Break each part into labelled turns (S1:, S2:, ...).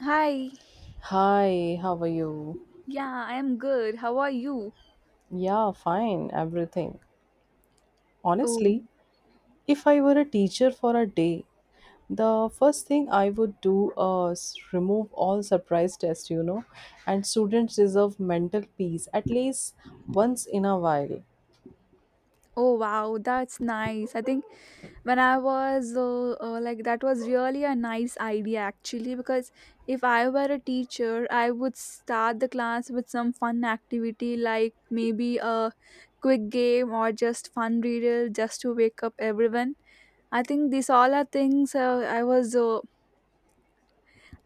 S1: Hi.
S2: Hi, how are you?
S1: Yeah, I am good. How are you?
S2: Yeah, fine, everything.
S1: Oh,
S2: Honestly, if I were a teacher for a day, the first thing I would do is remove all surprise tests, you know, and students deserve mental peace at least once in a while.
S1: oh wow, that's nice. I think when I was like that was really a nice idea actually, because if I were a teacher, I would start the class with some fun activity like maybe a quick game or just fun riddle just to wake up everyone. I think these all are things uh, I was uh,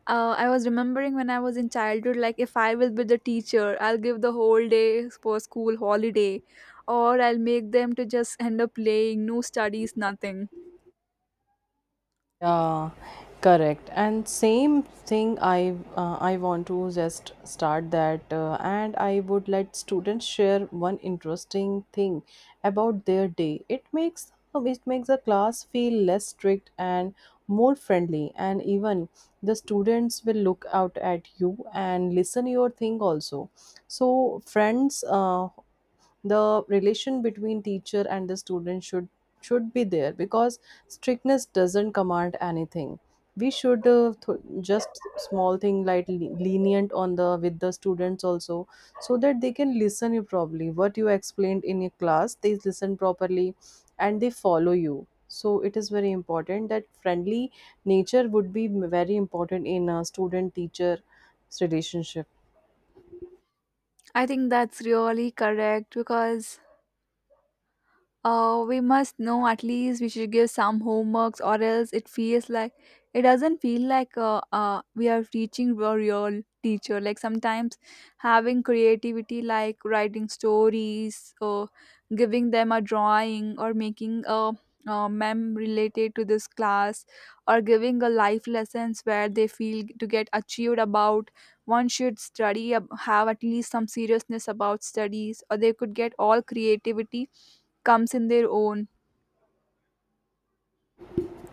S1: Uh, I was remembering when I was in childhood, like if I will be the teacher, I'll give the whole day for school holiday, or I'll make them to just end up playing, no studies, nothing.
S2: Yeah, correct. And same thing, I want to just start that, and I would let students share one interesting thing about their day. It makes the class feel less strict and more friendly, and even the students will look out at you and listen your thing also. So friends, the relation between teacher and the student should be there because strictness doesn't command anything, we should just small thing like lenient on the with the students also, so that they can listen you properly what you explained in your class, they listen properly and they follow you. So it is very important that friendly nature would be very important in a student teacher relationship.
S1: I think that's really correct because we must know at least we should give some homeworks, or else it feels like it doesn't feel like we are teaching a real teacher, like sometimes having creativity like writing stories or giving them a drawing or making a mem related to this class, or giving a life lessons where they feel to get achieved about one should study have at least some seriousness about studies, or they could get all creativity comes in their own.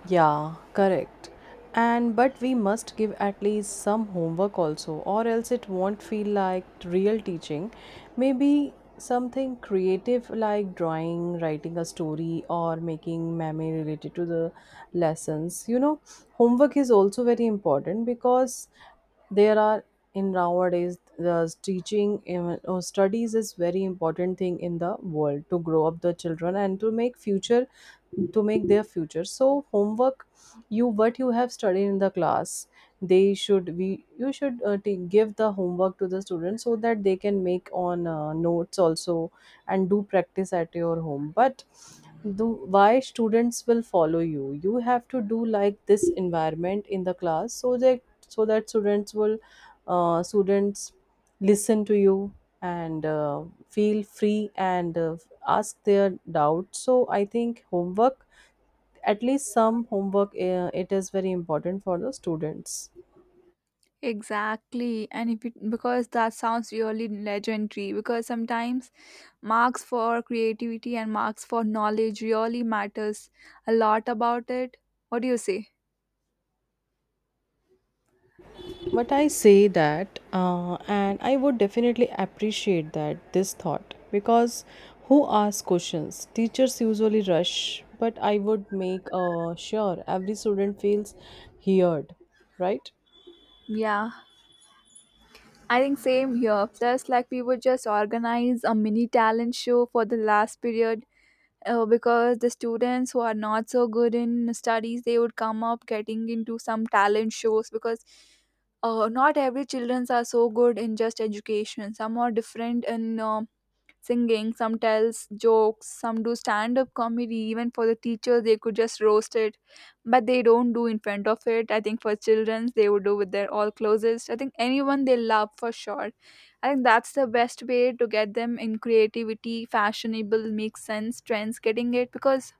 S2: Yeah, correct. And but we must give at least some homework also, or else it won't feel like real teaching. Maybe something creative like drawing, writing a story, or making meme related to the lessons. You know, homework is also very important because there are in nowadays the teaching in- or studies is very important thing in the world to grow up the children and to make future, to make their future. So homework, you what you have studied in the class, they should be, you should give the homework to the students so that they can make on notes also and do practice at your home. But do why students will follow you, you have to do like this environment in the class so that, so that students will, students listen to you and feel free and ask their doubts. So I think homework, at least some homework, it is very important for the students.
S1: Exactly, and if it, because that sounds really legendary because sometimes marks for creativity and marks for knowledge really matters a lot about it. What do you say?
S2: But I say that, and I would definitely appreciate that this thought because, who asks questions? Teachers usually rush, but I would make sure every student feels heard, right?
S1: Yeah, I think same here. Plus like we would just organize a mini talent show for the last period, because the students who are not so good in studies they would come up getting into some talent shows because not every children are so good in just education, some are different in singing, some tells jokes, some do stand up comedy. Even for the teachers, they could just roast it, but they don't do in front of it. I think for children, they would do with their all closest. I think anyone they love for sure. I think that's the best way to get them in creativity, fashionable, makes sense, trends, getting it because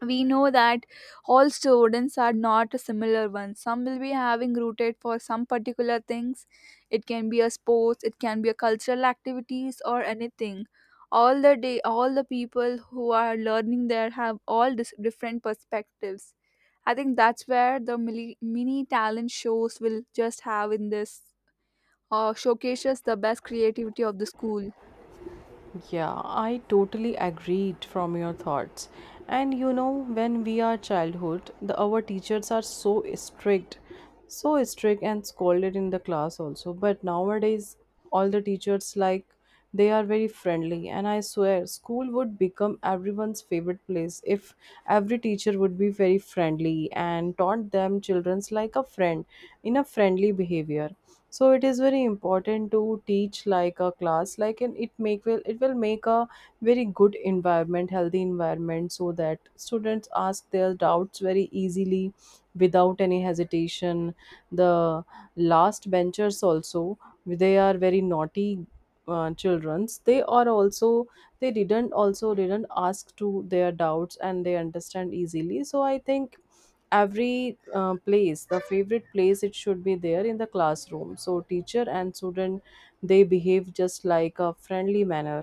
S1: we know that all students are not a similar ones, some will be having rooted for some particular things. It can be a sports, it can be a cultural activities or anything. All the day, all the people who are learning there have all different perspectives. I think that's where the mini talent shows will just have in this, showcases the best creativity of the school.
S2: Yeah, I totally agreed from your thoughts. And you know, when we are childhood, the our teachers are so strict and scolded in the class also. But nowadays, all the teachers like, they are very friendly, and I swear, school would become everyone's favorite place if every teacher would be very friendly and taught them childrens like a friend, in a friendly behavior. So it is very important to teach like a class, like, and it make will, it will make a very good environment, healthy environment, so that students ask their doubts very easily without any hesitation. The last benchers also, they are very naughty, childrens, they are also, they didn't also didn't ask to their doubts and they understand easily. So I think every place, the favorite place, it should be there in the classroom, so teacher and student, they behave just like a friendly manner.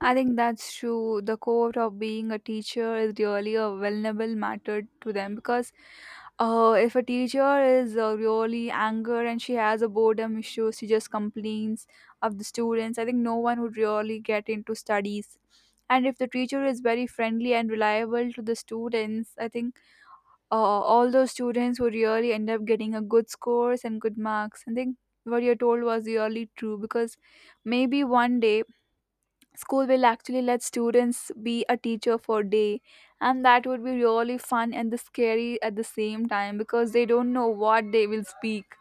S1: I think that's true. The core of being a teacher is really a vulnerable matter to them because if a teacher is really anger and she has a boredom issue, she just complains of the students. I think no one would really get into studies. And if the teacher is very friendly and reliable to the students, I think uh, all those students would really end up getting a good scores and good marks. I think what you told was really true, because maybe one day school will actually let students be a teacher for a day, and that would be really fun and the scary at the same time because they don't know what they will speak.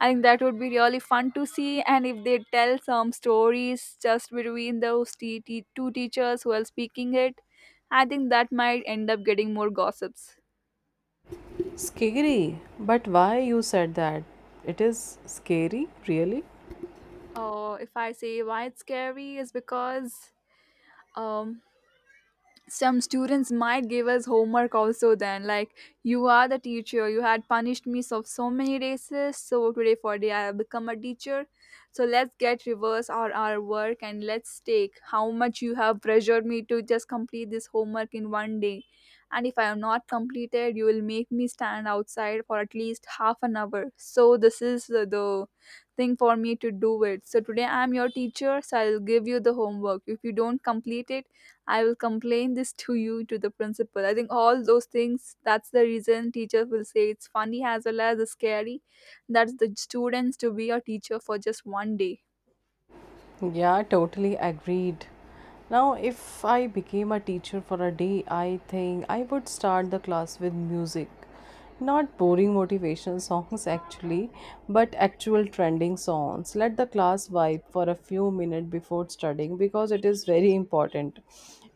S1: I think that would be really fun to see, and if they tell some stories just between those two teachers who are speaking it, I think that might end up getting more gossips.
S2: Scary, but why you said that it is scary, really?
S1: If I say why it's scary, is because um, some students might give us homework also, then like, you are the teacher, you had punished me so many races, so today for day I have become a teacher, so let's get reverse our work, and let's take how much you have pressured me to just complete this homework in one day. And if I am not completed, you will make me stand outside for at least half an hour. So this is the thing for me to do it. So today I am your teacher, so I'll give you the homework. If you don't complete it, I will complain this to you, to the principal. I think all those things, that's the reason teacher will say it's funny as well as scary. That's the students to be a teacher for just one day.
S2: Yeah, totally agreed. Now, if I became a teacher for a day, I think I would start the class with music. Not boring motivational songs, actually, but actual trending songs. Let the class vibe for a few minutes before studying because it is very important.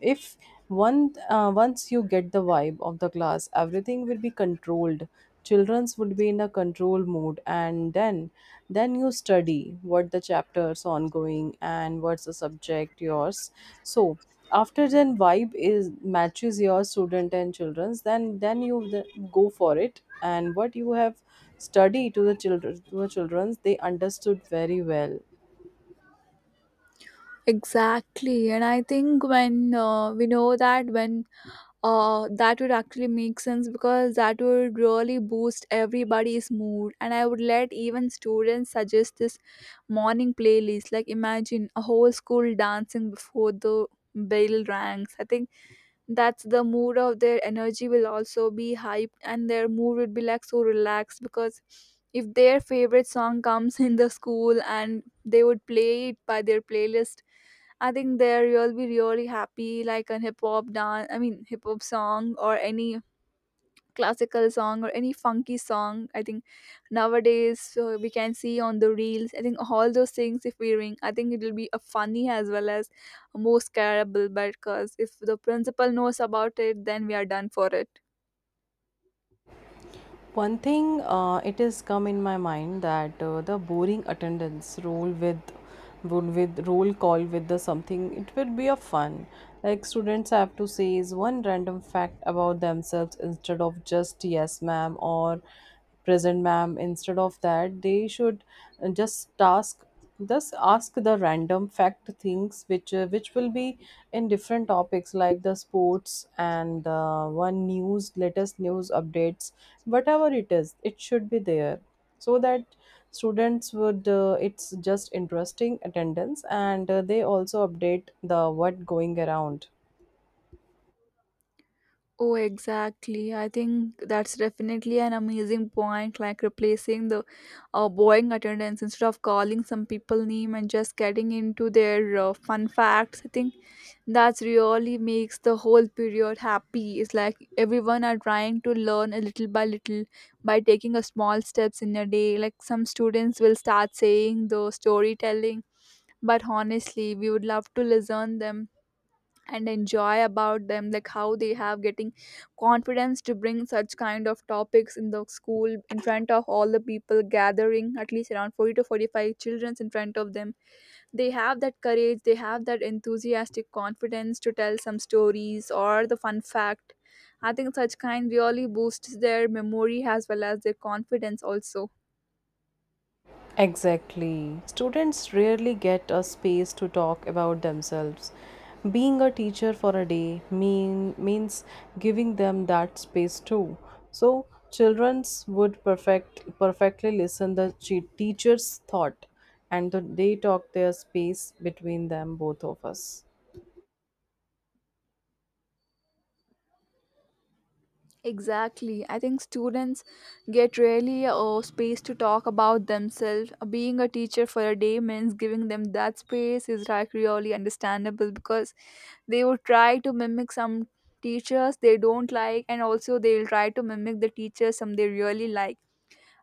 S2: If one once you get the vibe of the class, everything will be controlled, children's would be in a control mode, and then you study what the chapters ongoing and what's the subject yours. So after then vibe is matches your student and children's, then you go for it, and what you have studied to the children's they understood very well.
S1: Exactly. And I think when we know that when that would actually make sense, because that would really boost everybody's mood, and I would let even students suggest this morning playlist. Like, imagine a whole school dancing before the bell rings. I think that's the mood of their energy will also be hyped, and their mood would be like so relaxed because if their favorite song comes in the school and they would play it by their playlist, I think there you'll be really happy, like a hip hop dance. I mean, hip hop song or any classical song or any funky song. I think nowadays we can see on the reels. I think all those things, if we ring, I think it will be a funny as well as more scarable. But because if the principal knows about it, then we are done for it.
S2: One thing, it has come in my mind that the boring attendance roll with, would with roll call with the something, it will be a fun, like students have to say is one random fact about themselves instead of just yes ma'am or present ma'am. Instead of that they should, just task thus ask the random fact things which, which will be in different topics like the sports and one news, latest news updates, whatever it is, it should be there, so that students would, it's just interesting attendance and they also update the what going around.
S1: Oh, exactly. I think that's definitely an amazing point, like replacing the boring attendance instead of calling some people name and just getting into their fun facts. I think that's really makes the whole period happy. It's like everyone are trying to learn a little by little by taking a small steps in a day. Like, some students will start saying the storytelling, but honestly, we would love to listen them and enjoy about them, like how they have getting confidence to bring such kind of topics in the school in front of all the people gathering at least around 40 to 45 children in front of them. They have that courage, they have that enthusiastic confidence to tell some stories or the fun fact. I think such kind really boosts their memory as well as their confidence also.
S2: Exactly. Students rarely get a space to talk about themselves. Being a teacher for a day means giving them that space too. So, childrens would perfectly listen the teacher's thought and they talk their space between them both of us.
S1: Exactly. I think students get really a space to talk about themselves. Being a teacher for a day means giving them that space is like really understandable because they would try to mimic some teachers they don't like, and also they will try to mimic the teachers some they really like.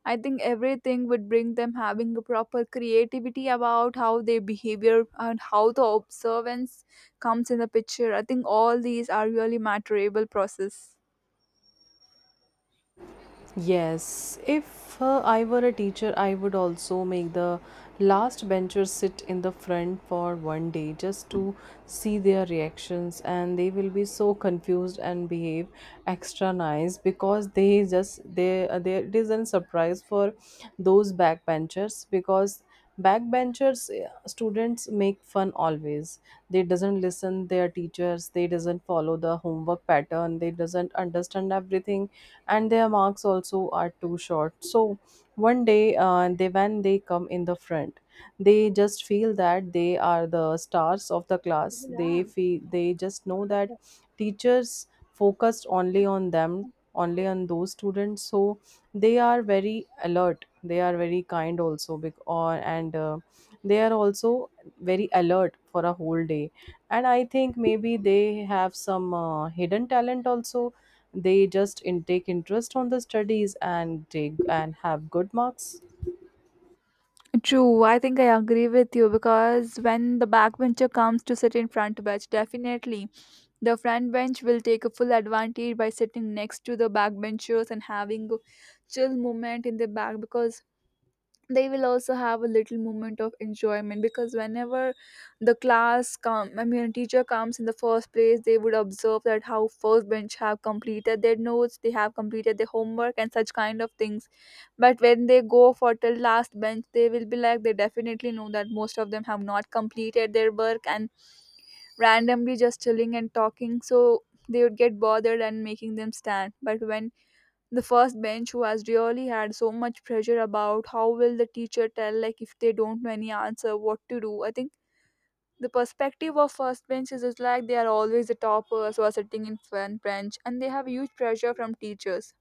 S1: I think everything would bring them having a proper creativity about how their behavior and how the observance comes in the picture. I think all these are really matterable process.
S2: Yes, if I were a teacher, I would also make the last bencher sit in the front for one day just to see their reactions, and they will be so confused and behave extra nice because they just they it is a surprise for those backbenchers. Because backbenchers students make fun always, they doesn't listen their teachers, they doesn't follow the homework pattern, they doesn't understand everything and their marks also are too short. So one day they, when they come in the front, they just feel that they are the stars of the class, they feel, they just know that teachers focused only on them, only on those students. So they are very alert, they are very kind also, bec- or and they are also very alert for a whole day, and I think maybe they have some hidden talent also. They just take interest on the studies and take and have good marks.
S1: True, I think I agree with you, because when the backbencher comes to sit in front bench, definitely the front bench will take a full advantage by sitting next to the backbenchers and having a chill moment in the back, because they will also have a little moment of enjoyment. Because whenever the class come, I mean teacher comes in the first place, they would observe that how first bench have completed their notes, they have completed their homework and such kind of things. But when they go for till last bench, they will be like they definitely know that most of them have not completed their work and randomly just chilling and talking. So they would get bothered and making them stand. But when the first bench who has really had so much pressure about how will the teacher tell, like if they don't know any answer what to do, I think the perspective of first bench is just like they are always the toppers who are sitting in front bench and they have huge pressure from teachers.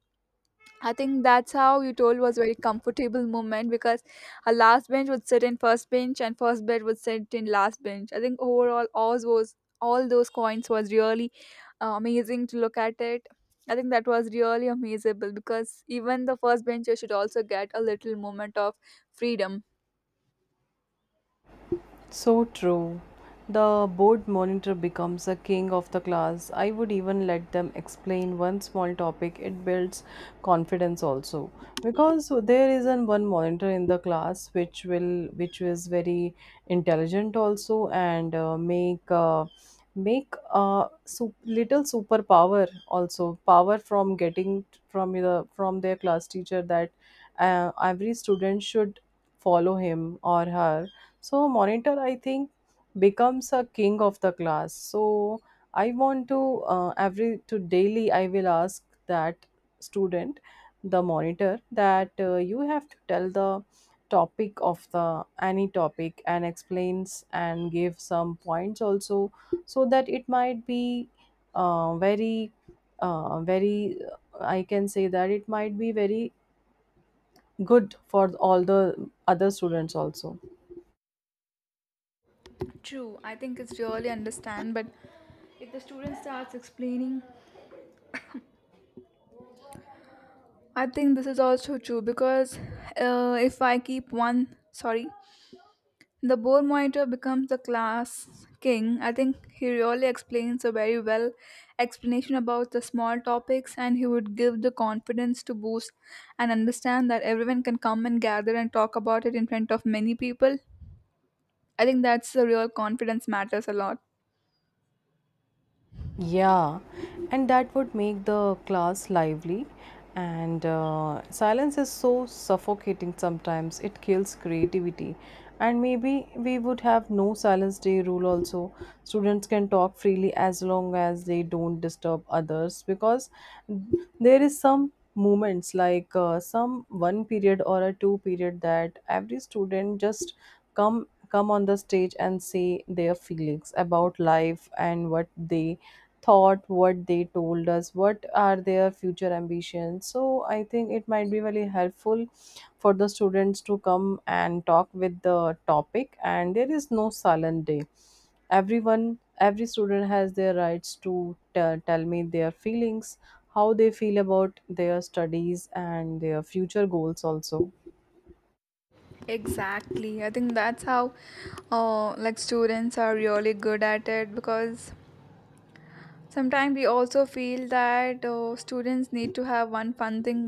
S1: I think that's how you told was very comfortable moment because a last bench would sit in first bench and first bed would sit in last bench. I think overall, all those coins was really amazing to look at it. I think that was really amazable because even the first bencher should also get a little moment of freedom.
S2: So true. The board monitor becomes a king of the class. I would even let them explain one small topic. It builds confidence also, because there isn't one monitor in the class which will, which is very intelligent also, and make a little superpower also, power from getting from the from their class teacher, that every student should follow him or her. So monitor, I think, becomes a king of the class. So I want to every to daily I will ask that student, the monitor, that you have to tell the topic of the any topic and explains and give some points also, so that it might be very, very. I can say that it might be very good for all the other students also.
S1: True, I think it's really understand, but if the student starts explaining, I think this is also true because if I keep one, sorry. The boar monitor becomes the class king. I think he really explains a very well explanation about the small topics, and he would give the confidence to boost and understand that everyone can come and gather and talk about it in front of many people. I think that's the real confidence matters a lot.
S2: Yeah, and that would make the class lively. And silence is so suffocating sometimes, it kills creativity. And maybe we would have no silence day rule also. Students can talk freely as long as they don't disturb others, because there is some moments like some one period or a two period that every student just come on the stage and say their feelings about life and what they thought, what they told us, what are their future ambitions. So I think it might be really helpful for the students to come and talk with the topic, and there is no silent day, everyone, every student has their rights to tell me their feelings, how they feel about their studies and their future goals also.
S1: Exactly. I think that's how like students are really good at it because sometimes we also feel that students need to have one fun thing.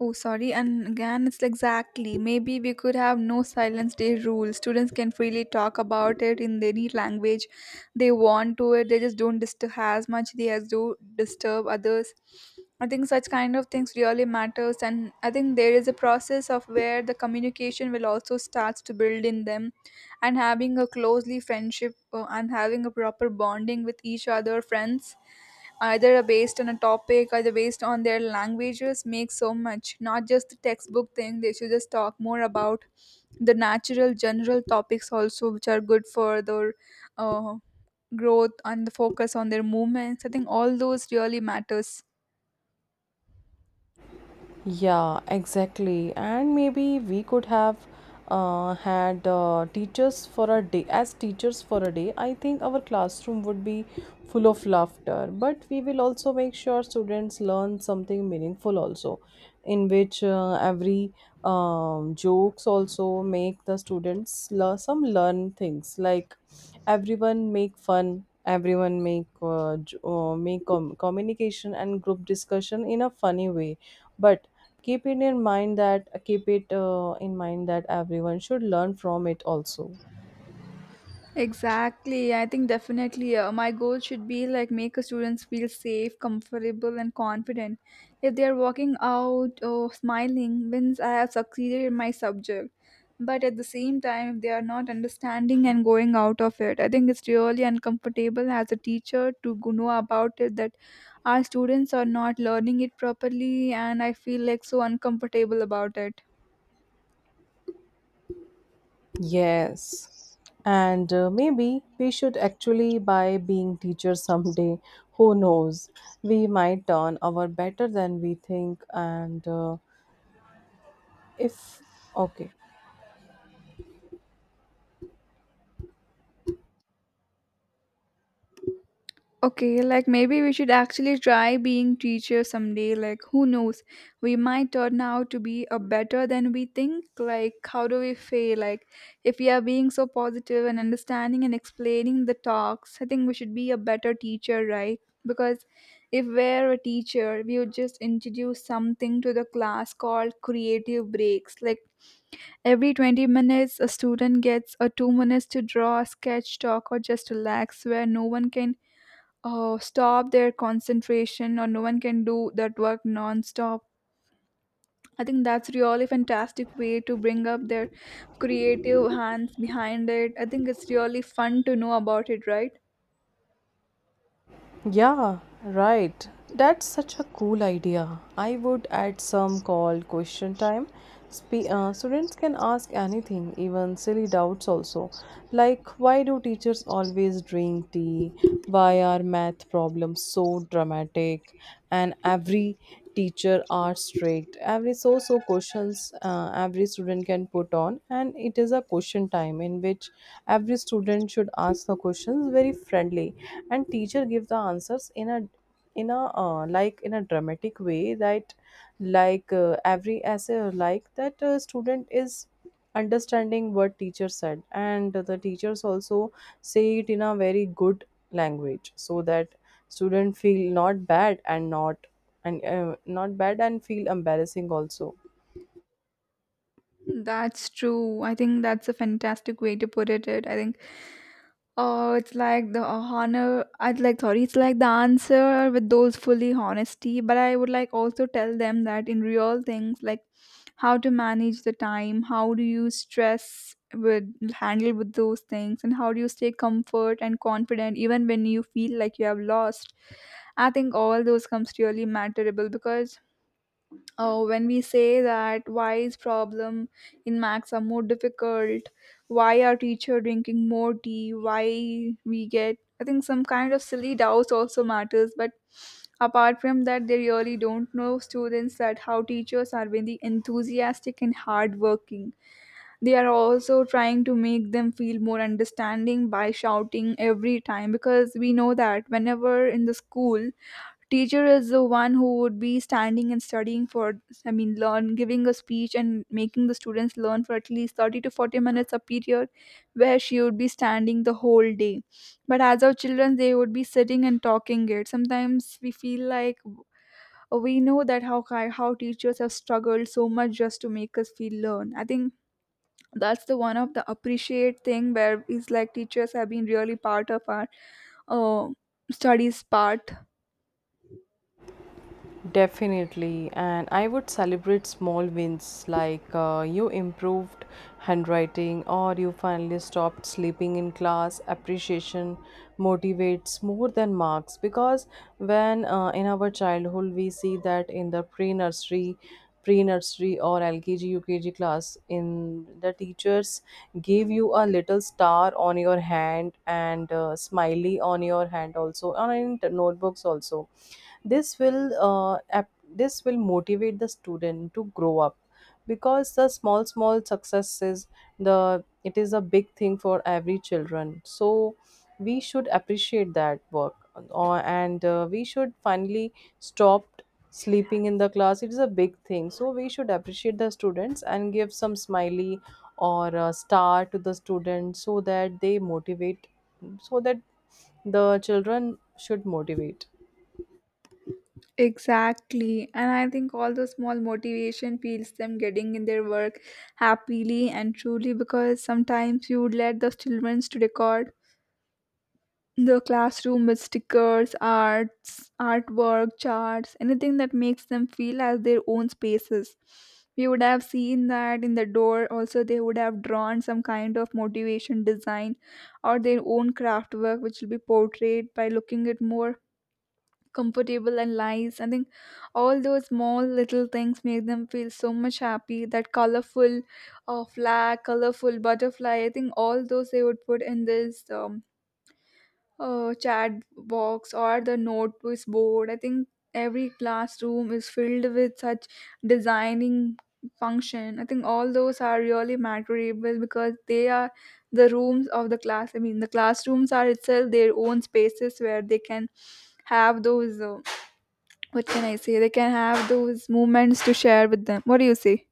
S1: Oh, sorry. And again, it's exactly. Maybe we could have no silence day rule. Students can freely talk about it in any language they want to it. They just don't disturb as much they as do disturb others. I think such kind of things really matters, and I think there is a process of where the communication will also starts to build in them, and having a closely friendship and having a proper bonding with each other, friends either based on a topic either based on their languages makes so much not just the textbook thing they should just talk more about the natural general topics also which are good for their uh, growth and the focus on their movements. I think all those really matters.
S2: Yeah, exactly. And maybe we could have had teachers for a day. As teachers for a day, I think our classroom would be full of laughter. But we will also make sure students learn something meaningful also, in which every jokes also make the students learn some learn things, like everyone make fun. Everyone make make communication and group discussion in a funny way, but keep it in mind that keep it in mind that everyone should learn from it also.
S1: Exactly. I think definitely my goal should be like make a students feel safe, comfortable, and confident. If they are walking out or smiling, means I have succeeded in my subject. But at the same time, if they are not understanding and going out of it, I think it's really uncomfortable as a teacher to go know about it that our students are not learning it properly, and I feel like so uncomfortable about it.
S2: Yes, and maybe we should actually by being teachers someday who knows, we might turn our better than we think, and if okay.
S1: Okay, like maybe we should actually try being teacher someday. Like who knows? We might turn out to be a better than we think. Like how do we fail? Like if we are being so positive and understanding and explaining the talks, I think we should be a better teacher, right? Because if we're a teacher, we would just introduce something to the class called creative breaks. Like every 20 minutes a student gets a 2 minutes to draw a sketch talk or just relax where no one can stop their concentration or no one can do that work non-stop. I think that's really fantastic way to bring up their creative hands behind it. I think it's really fun to know about it, right?
S2: Yeah, right. That's such a cool idea. I would add some called question time. Students can ask anything, even silly doubts also. Like, why do teachers always drink tea? Why are math problems so dramatic? And every teacher are strict, every so so questions, every student can put on, and it is a question time in which every student should ask the questions very friendly, and teacher give the answers in a, like in a dramatic way, that like every essay like that student is understanding what teacher said, and the teachers also say it in a very good language, so that student feel not bad and not, and not bad and feel embarrassing also.
S1: That's true. I think that's a fantastic way to put it. I think oh it's like the honor I'd like sorry it's like the answer with those fully honesty, but I would like also tell them that in real things like how to manage the time, how do you stress with handle with those things, and how do you stay comfort and confident even when you feel like you have lost. I think all those comes really matterable because when we say that why is problem in max are more difficult, why our teacher drinking more tea, why we get, I think some kind of silly doubts also matters. But apart from that, they really don't know students that how teachers are very enthusiastic and hardworking. They are also trying to make them feel more understanding by shouting every time because we know that whenever in the school, teacher is the one who would be standing and studying for, I mean, learn, giving a speech and making the students learn for at least 30 to 40 minutes a period where she would be standing the whole day. But as our children they would be sitting and talking it sometimes we feel like we know that how how teachers have struggled so much just to make us feel learn. I think that's the one of the appreciate thing where it's like teachers have been really part of our uh, studies part.
S2: Definitely, and I would celebrate small wins like you improved handwriting or you finally stopped sleeping in class. Appreciation motivates more than marks because when in our childhood we see that in the pre nursery or LKG UKG class, in the teachers give you a little star on your hand and smiley on your hand also, and in notebooks also this will this will motivate the student to grow up because the small successes the it is a big thing for every children. So we should appreciate that work, and we should finally stop sleeping in the class. It is a big thing, so we should appreciate the students and give some smiley or a star to the students so that they motivate, so that the children should motivate.
S1: Exactly, and I think all the small motivation feels them getting in their work happily and truly because sometimes you would let the children to record the classroom with stickers, arts, artwork, charts, anything that makes them feel as their own spaces. We would have seen that in the door. Also, they would have drawn some kind of motivation design or their own craft work, which will be portrayed by looking at more comfortable and nice. I think all those small little things make them feel so much happy. That colorful flag, colorful butterfly. I think all those they would put in this. Chat box or the notice board. I think every classroom is filled with such designing function. I think all those are really memorable because they are the rooms of the class. I mean, the classrooms are itself their own spaces where they can have those. What can I say? They can have those moments to share with them. What do you say?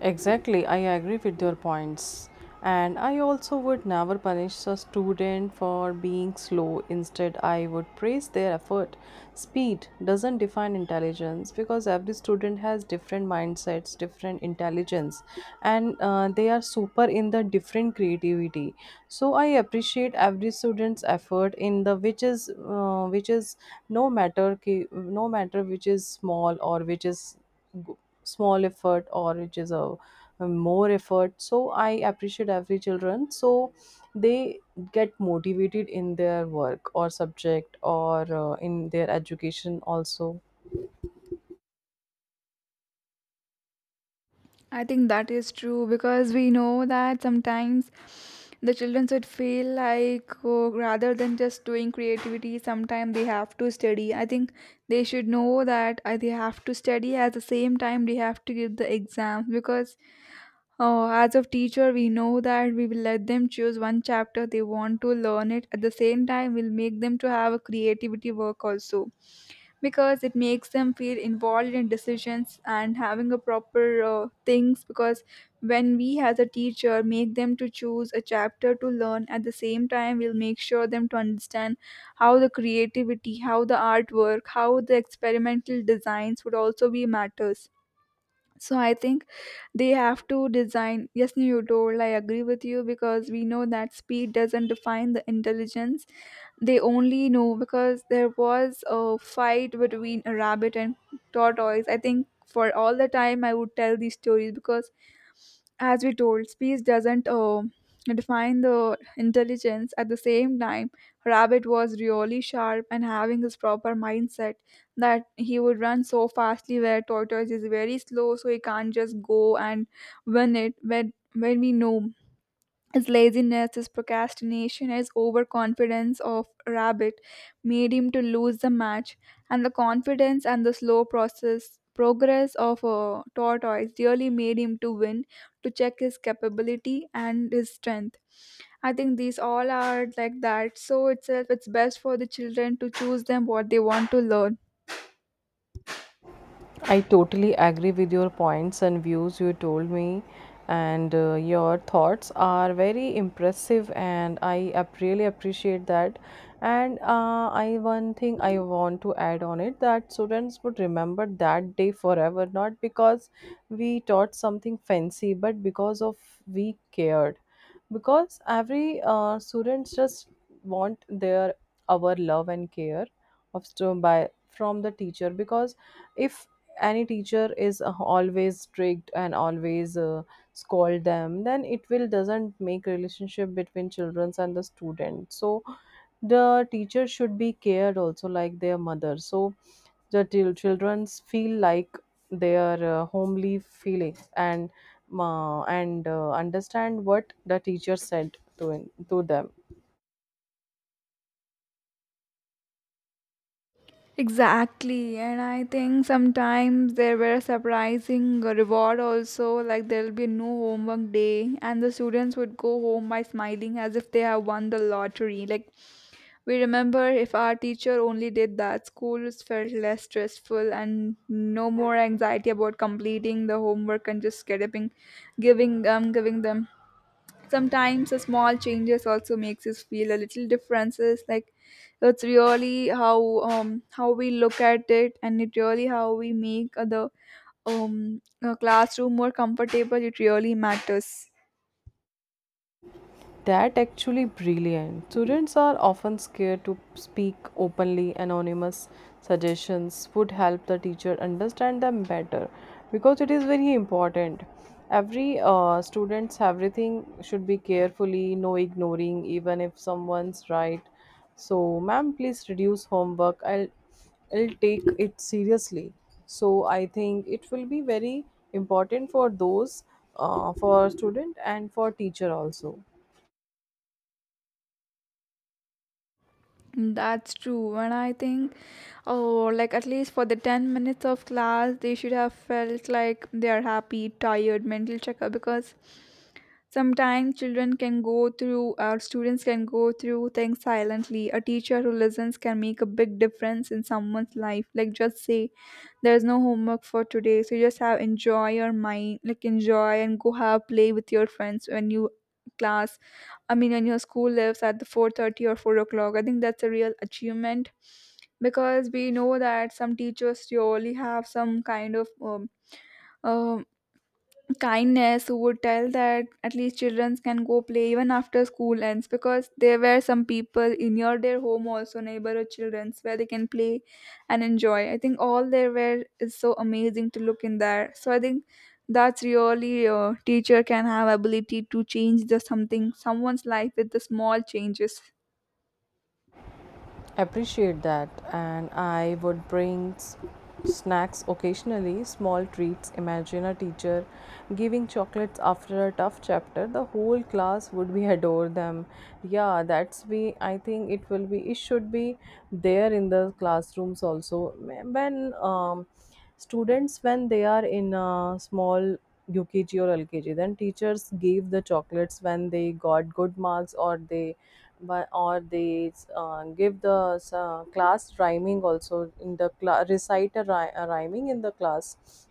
S2: Exactly, I agree with your points. And I also would never punish a student for being slow. Instead, I would praise their effort. Speed doesn't define intelligence because every student has different mindsets, different intelligence, and they are super in the different creativity. So I appreciate every student's effort in the which is no matter which is small or which is small effort or a more effort. So I appreciate every children so they get motivated in their work or subject or in their education also.
S1: I think that is true because we know that sometimes the children should feel like oh, rather than just doing creativity, sometimes they have to study. I think they should know that they have to study at the same time they have to give the exams because oh, as of teacher we know that we will let them choose one chapter they want to learn it at the same time we'll make them to have a creativity work also because it makes them feel involved in decisions and having a proper things because when we as a teacher make them to choose a chapter to learn at the same time we'll make sure them to understand how the creativity, how the artwork, how the experimental designs would also be matters. So I think they have to design. Yes, you told, I agree with you because we know that speed doesn't define the intelligence. They only know because there was a fight between a rabbit and tortoise. I think for all the time I would tell these stories because, as we told, speech doesn't define the intelligence. At the same time, rabbit was really sharp and having his proper mindset that he would run so fastly where tortoise is very slow so he can't just go and win it when we know his laziness, his procrastination, his overconfidence of Rabbit made him to lose the match, and the confidence and the slow process progress of a tortoise really made him to win to check his capability and his strength. I think these all are like that. So itself, it's best for the children to choose them what they want to learn.
S2: I totally agree with your points and views you told me, and your thoughts are very impressive, and really appreciate that. And I one thing I want to add on it: that students would remember that day forever, not because we taught something fancy, but because of we cared. Because every students just want their our love and care of stu- by from the teacher, because if any teacher is always strict and always scold them, then it will doesn't make relationship between children and the student. So the teacher should be cared also like their mother, so the childrens feel like their homely feelings and understand what the teacher said to them.
S1: Exactly, and I think sometimes there were surprising reward also, like there'll be no homework day, and the students would go home by smiling as if they have won the lottery. Like we remember, if our teacher only did that, schools felt less stressful and no more anxiety about completing the homework and just getting, giving giving them sometimes a small changes also makes us feel a little differences like it's really how we look at it, and it really how we make the classroom more comfortable. It really matters.
S2: That actually brilliant. Students are often scared to speak openly. Anonymous suggestions would help the teacher understand them better, because it is very important. Every students everything should be carefully, no ignoring even if someone's right. So, ma'am, please reduce homework. I'll take it seriously. So I think it will be very important for those for student and for teacher also.
S1: That's true, and I think oh like at least for the 10 minutes of class they should have felt like they are happy tired mental checkup because sometimes children can go through, or students can go through things silently. A teacher who listens can make a big difference in someone's life. Like just say, there's no homework for today, so just have enjoy your mind, like enjoy and go have play with your friends when you class. I mean, when your school lives at the four thirty or four o'clock. I think that's a real achievement because we know that some teachers surely have some kind of um, um, kindness who would tell that at least children can go play even after school ends because there were some people in your their home also neighborhood childrens where they can play and enjoy. I think all there were is so amazing to look in there. So I think that's really a teacher can have ability to change the something someone's life with the small changes.
S2: Appreciate that, and I would bring snacks occasionally, small treats. Imagine a teacher giving chocolates after a tough chapter. The whole class would be adore them. Yeah, that's be. I think it will be. It should be there in the classrooms also. When students when they are in a small UKG or LKG. Then teachers gave the chocolates when they got good marks, or they give the class rhyming also in the class, recite a rhyming in the class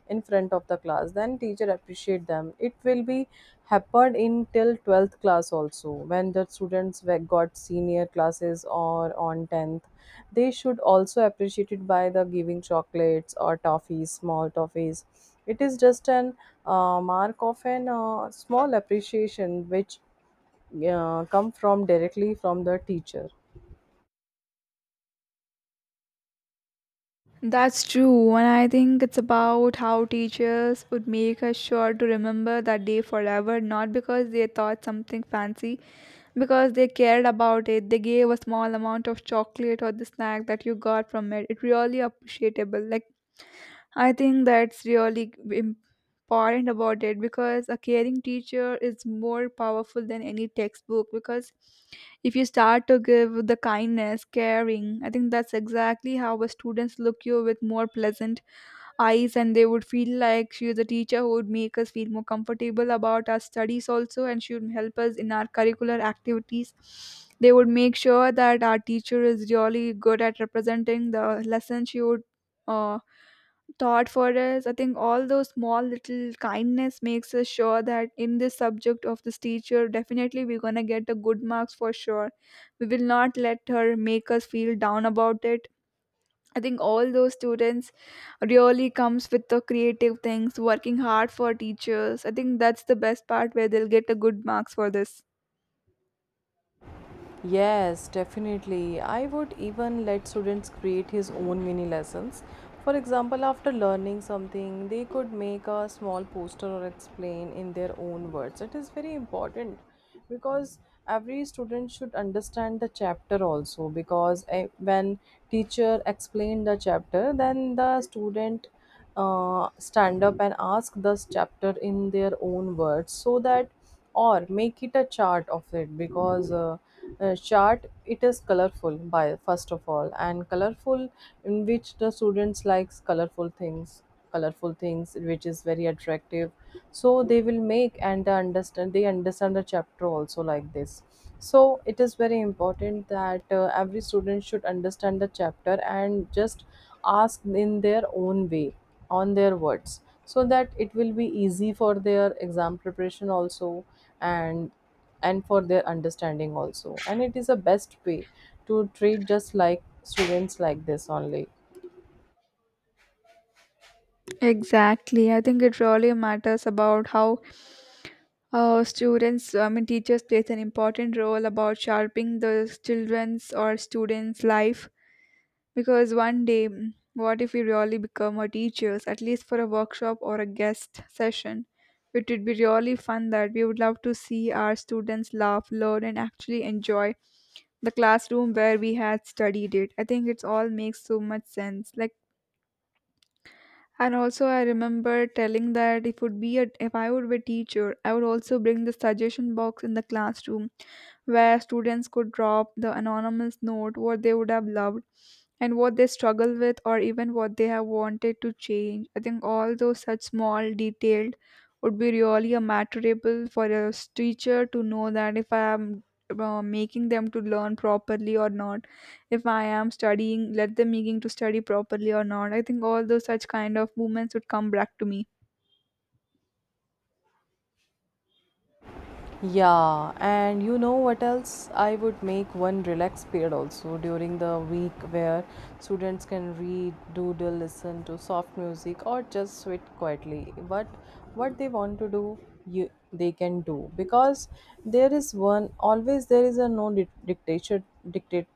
S2: in front of the class. Then teacher appreciate them. It will be happened in till twelfth class also, when the got senior classes or on tenth. They should also appreciate it by the giving chocolates or toffees, small toffees. It is just an mark of an small appreciation which come from directly from the teacher.
S1: That's true, and I think it's about how teachers would make us sure to remember that day forever, not because they thought something fancy, because they cared about it, they gave a small amount of chocolate or the snack that you got from it, it really appreciable. Like I think that's really important about it because a caring teacher is more powerful than any textbook because if you start to give the kindness caring, I think that's exactly how a students look you with more pleasant eyes, and they would feel like she is a teacher who would make us feel more comfortable about our studies also, and she would help us in our curricular activities. They would make sure that our teacher is really good at representing the lesson she would uh, taught for us. I think all those small little kindness makes us sure that in this subject of this teacher definitely we're gonna get a good marks for sure. We will not let her make us feel down about it. I think all those students really comes with the creative things, working hard for teachers. I think that's the best part where they'll get a good marks for this.
S2: Yes, definitely. I would even let students create his own mini lessons. For example, after learning something, they could make a small poster or explain in their own words. It is very important because every student should understand the chapter also, because eh, when teacher explain the chapter, then the student stand up and ask this chapter in their own words, so that or make it a chart of it. Because chart it is colorful by first of all, and colorful in which the students likes colorful things, colorful things which is very attractive. So they will make and they understand the chapter also like this. So it is very important that every student should understand the chapter and just ask in their own way, on their words, so that it will be easy for their exam preparation also, and and for their understanding also. And it is a best way to treat just like students like this only.
S1: Exactly. I think it really matters about how I mean, teachers plays an important role about sharpening the children's or students' life. Because one day, what if we really become our teachers, at least for a workshop or a guest session? It would be really fun that we would love to see our students laugh, learn, and actually enjoy the classroom where we had studied it. I think it's all makes so much sense. And also, I remember telling that if would be a, if I would be a teacher, I would also bring the suggestion box in the classroom, where students could drop the anonymous note what they would have loved, and what they struggle with, or even what they have wanted to change. I think all those such small detailed would be really a matterable for a teacher to know that if I am making them to learn properly or not, if I am studying, let them making to study properly or not. I think all those such kind of movements would come back to me.
S2: Yeah, and you know what else, I would make one relax period also during the week where students can read, doodle, listen to soft music, or just sit quietly, but what they want to do you they can do. Because there is a no dic- dictator dictate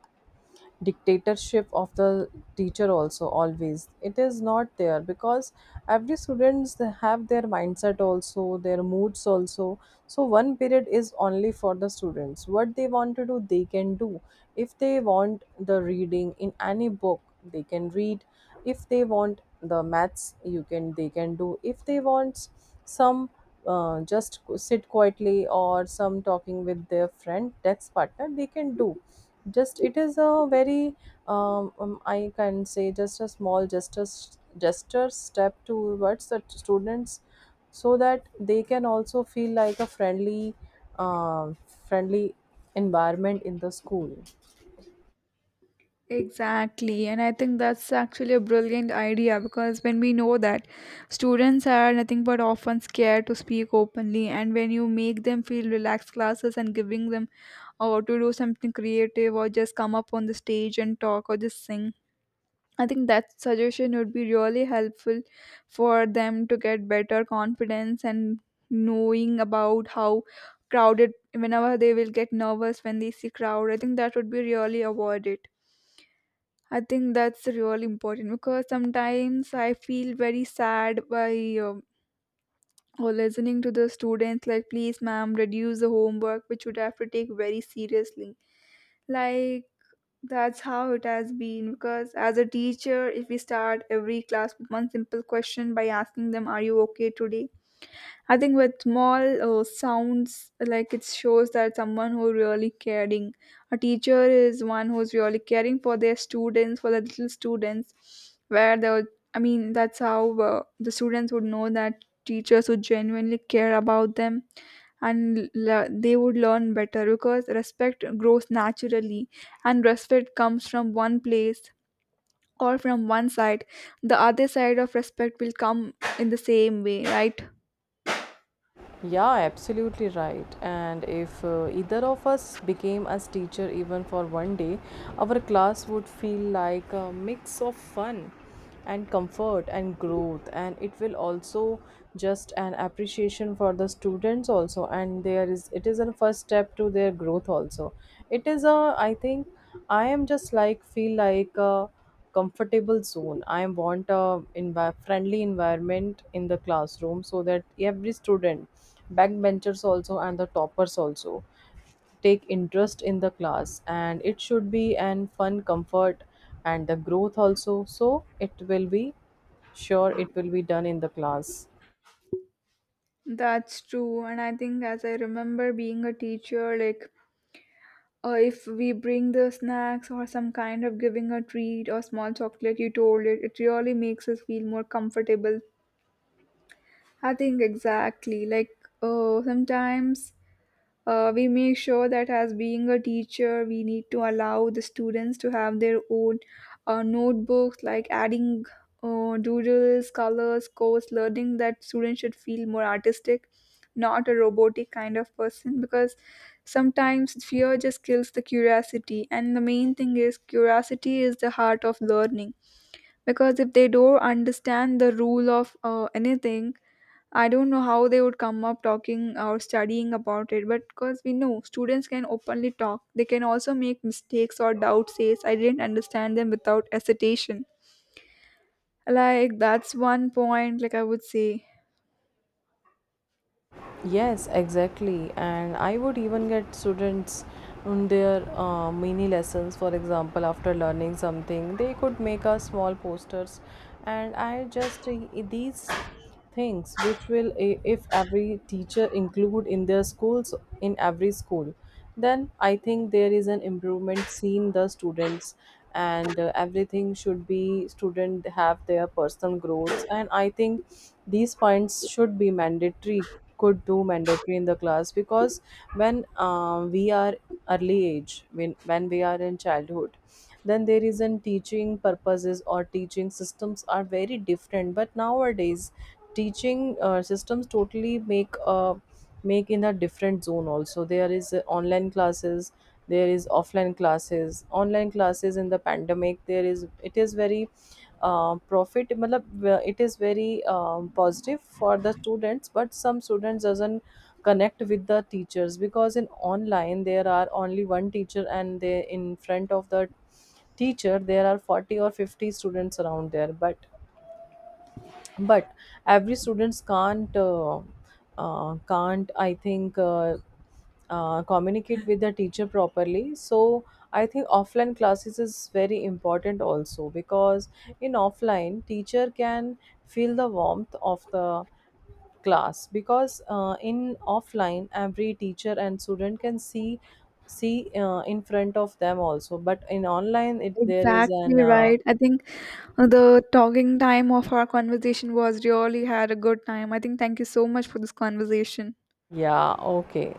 S2: dictatorship of the teacher also always, it is not there, because every students they have their mindset also, their moods also. So one period is only for the students: what they want to do they can do. If they want the reading in any book they can read, if they want the maths you can they can do, if they want some just sit quietly or some talking with their friend, that's partner, they can do. Just it is a very I can say just a small gesture step towards the students, so that they can also feel like a friendly uh, friendly environment in the school.
S1: Exactly, and I think that's actually a brilliant idea because when we know that students are nothing but often scared to speak openly, and when you make them feel relaxed classes and giving them or to do something creative or just come up on the stage and talk or just sing. I think that suggestion would be really helpful for them to get better confidence and knowing about how crowded, whenever they will get nervous when they see crowd, I think that would be really avoided. I think that's really important because sometimes I feel very sad by, or listening to the students, like, please ma'am reduce the homework, which would have to take very seriously. Like, that's how it has been, because as a teacher, if we start every class with one simple question by asking them, are you okay today? I think with small sounds, like, it shows that someone who really caring. A teacher is one who's really caring for their students, for the little students, where the, I mean, that's how the students would know that teachers would genuinely care about them, and they would learn better because respect grows naturally, and respect comes from one place or from one side. The other side of respect will come in the same way, right?
S2: Yeah, absolutely right. And if either of us became as teacher even for one day, our class would feel like a mix of fun and comfort and growth, and it will also just an appreciation for the students also, and there is it is a first step to their growth also. It is a I think I am just like feel like a comfortable zone. I want a friendly environment in the classroom, so that every student, backbenchers also and the toppers also, take interest in the class, and it should be an fun, comfort, and the growth also. So it will be sure it will be done in the class.
S1: That's true. And I think as I remember being a teacher, like, if we bring the snacks or some kind of giving a treat or small chocolate, you told it, it really makes us feel more comfortable. I think exactly, like, sometimes, we make sure that as being a teacher, we need to allow the students to have their own notebooks, like adding doodles, colors, codes, learning, that students should feel more artistic, not a robotic kind of person, because sometimes fear just kills the curiosity, and the main thing is curiosity is the heart of learning. Because if they don't understand the rule of anything, I don't know how they would come up talking or studying about it. But because we know students can openly talk, they can also make mistakes or doubt says I didn't understand them without hesitation. Like, that's one point, like, I would say.
S2: Yes, exactly. And I would even get students on their mini lessons. For example, after learning something, they could make us small posters. And I just these things which will if every teacher include in their schools, in every school, then I think there is an improvement seen the students. And everything should be student have their personal growths, and I think these points should be mandatory, could do mandatory in the class. Because when we are early age, when we are in childhood, then there isn't teaching purposes or teaching systems are very different. But nowadays teaching systems totally make make in a different zone also. There is online classes, there is offline classes, online classes in the pandemic. There is it is very profit matlab, it is very positive for the students, but some students doesn't connect with the teachers, because in online there are only one teacher, and they in front of the teacher there are 40 or 50 students around there. But every students can't can't, I think, communicate with the teacher properly. So I think offline classes is very important also, because in offline teacher can feel the warmth of the class. Because in offline every teacher and student can see in front of them also, but in online it there is an
S1: Exactly right. I think the talking time of our conversation was really had a good time. I think thank you so much for this conversation.
S2: yeah, okay.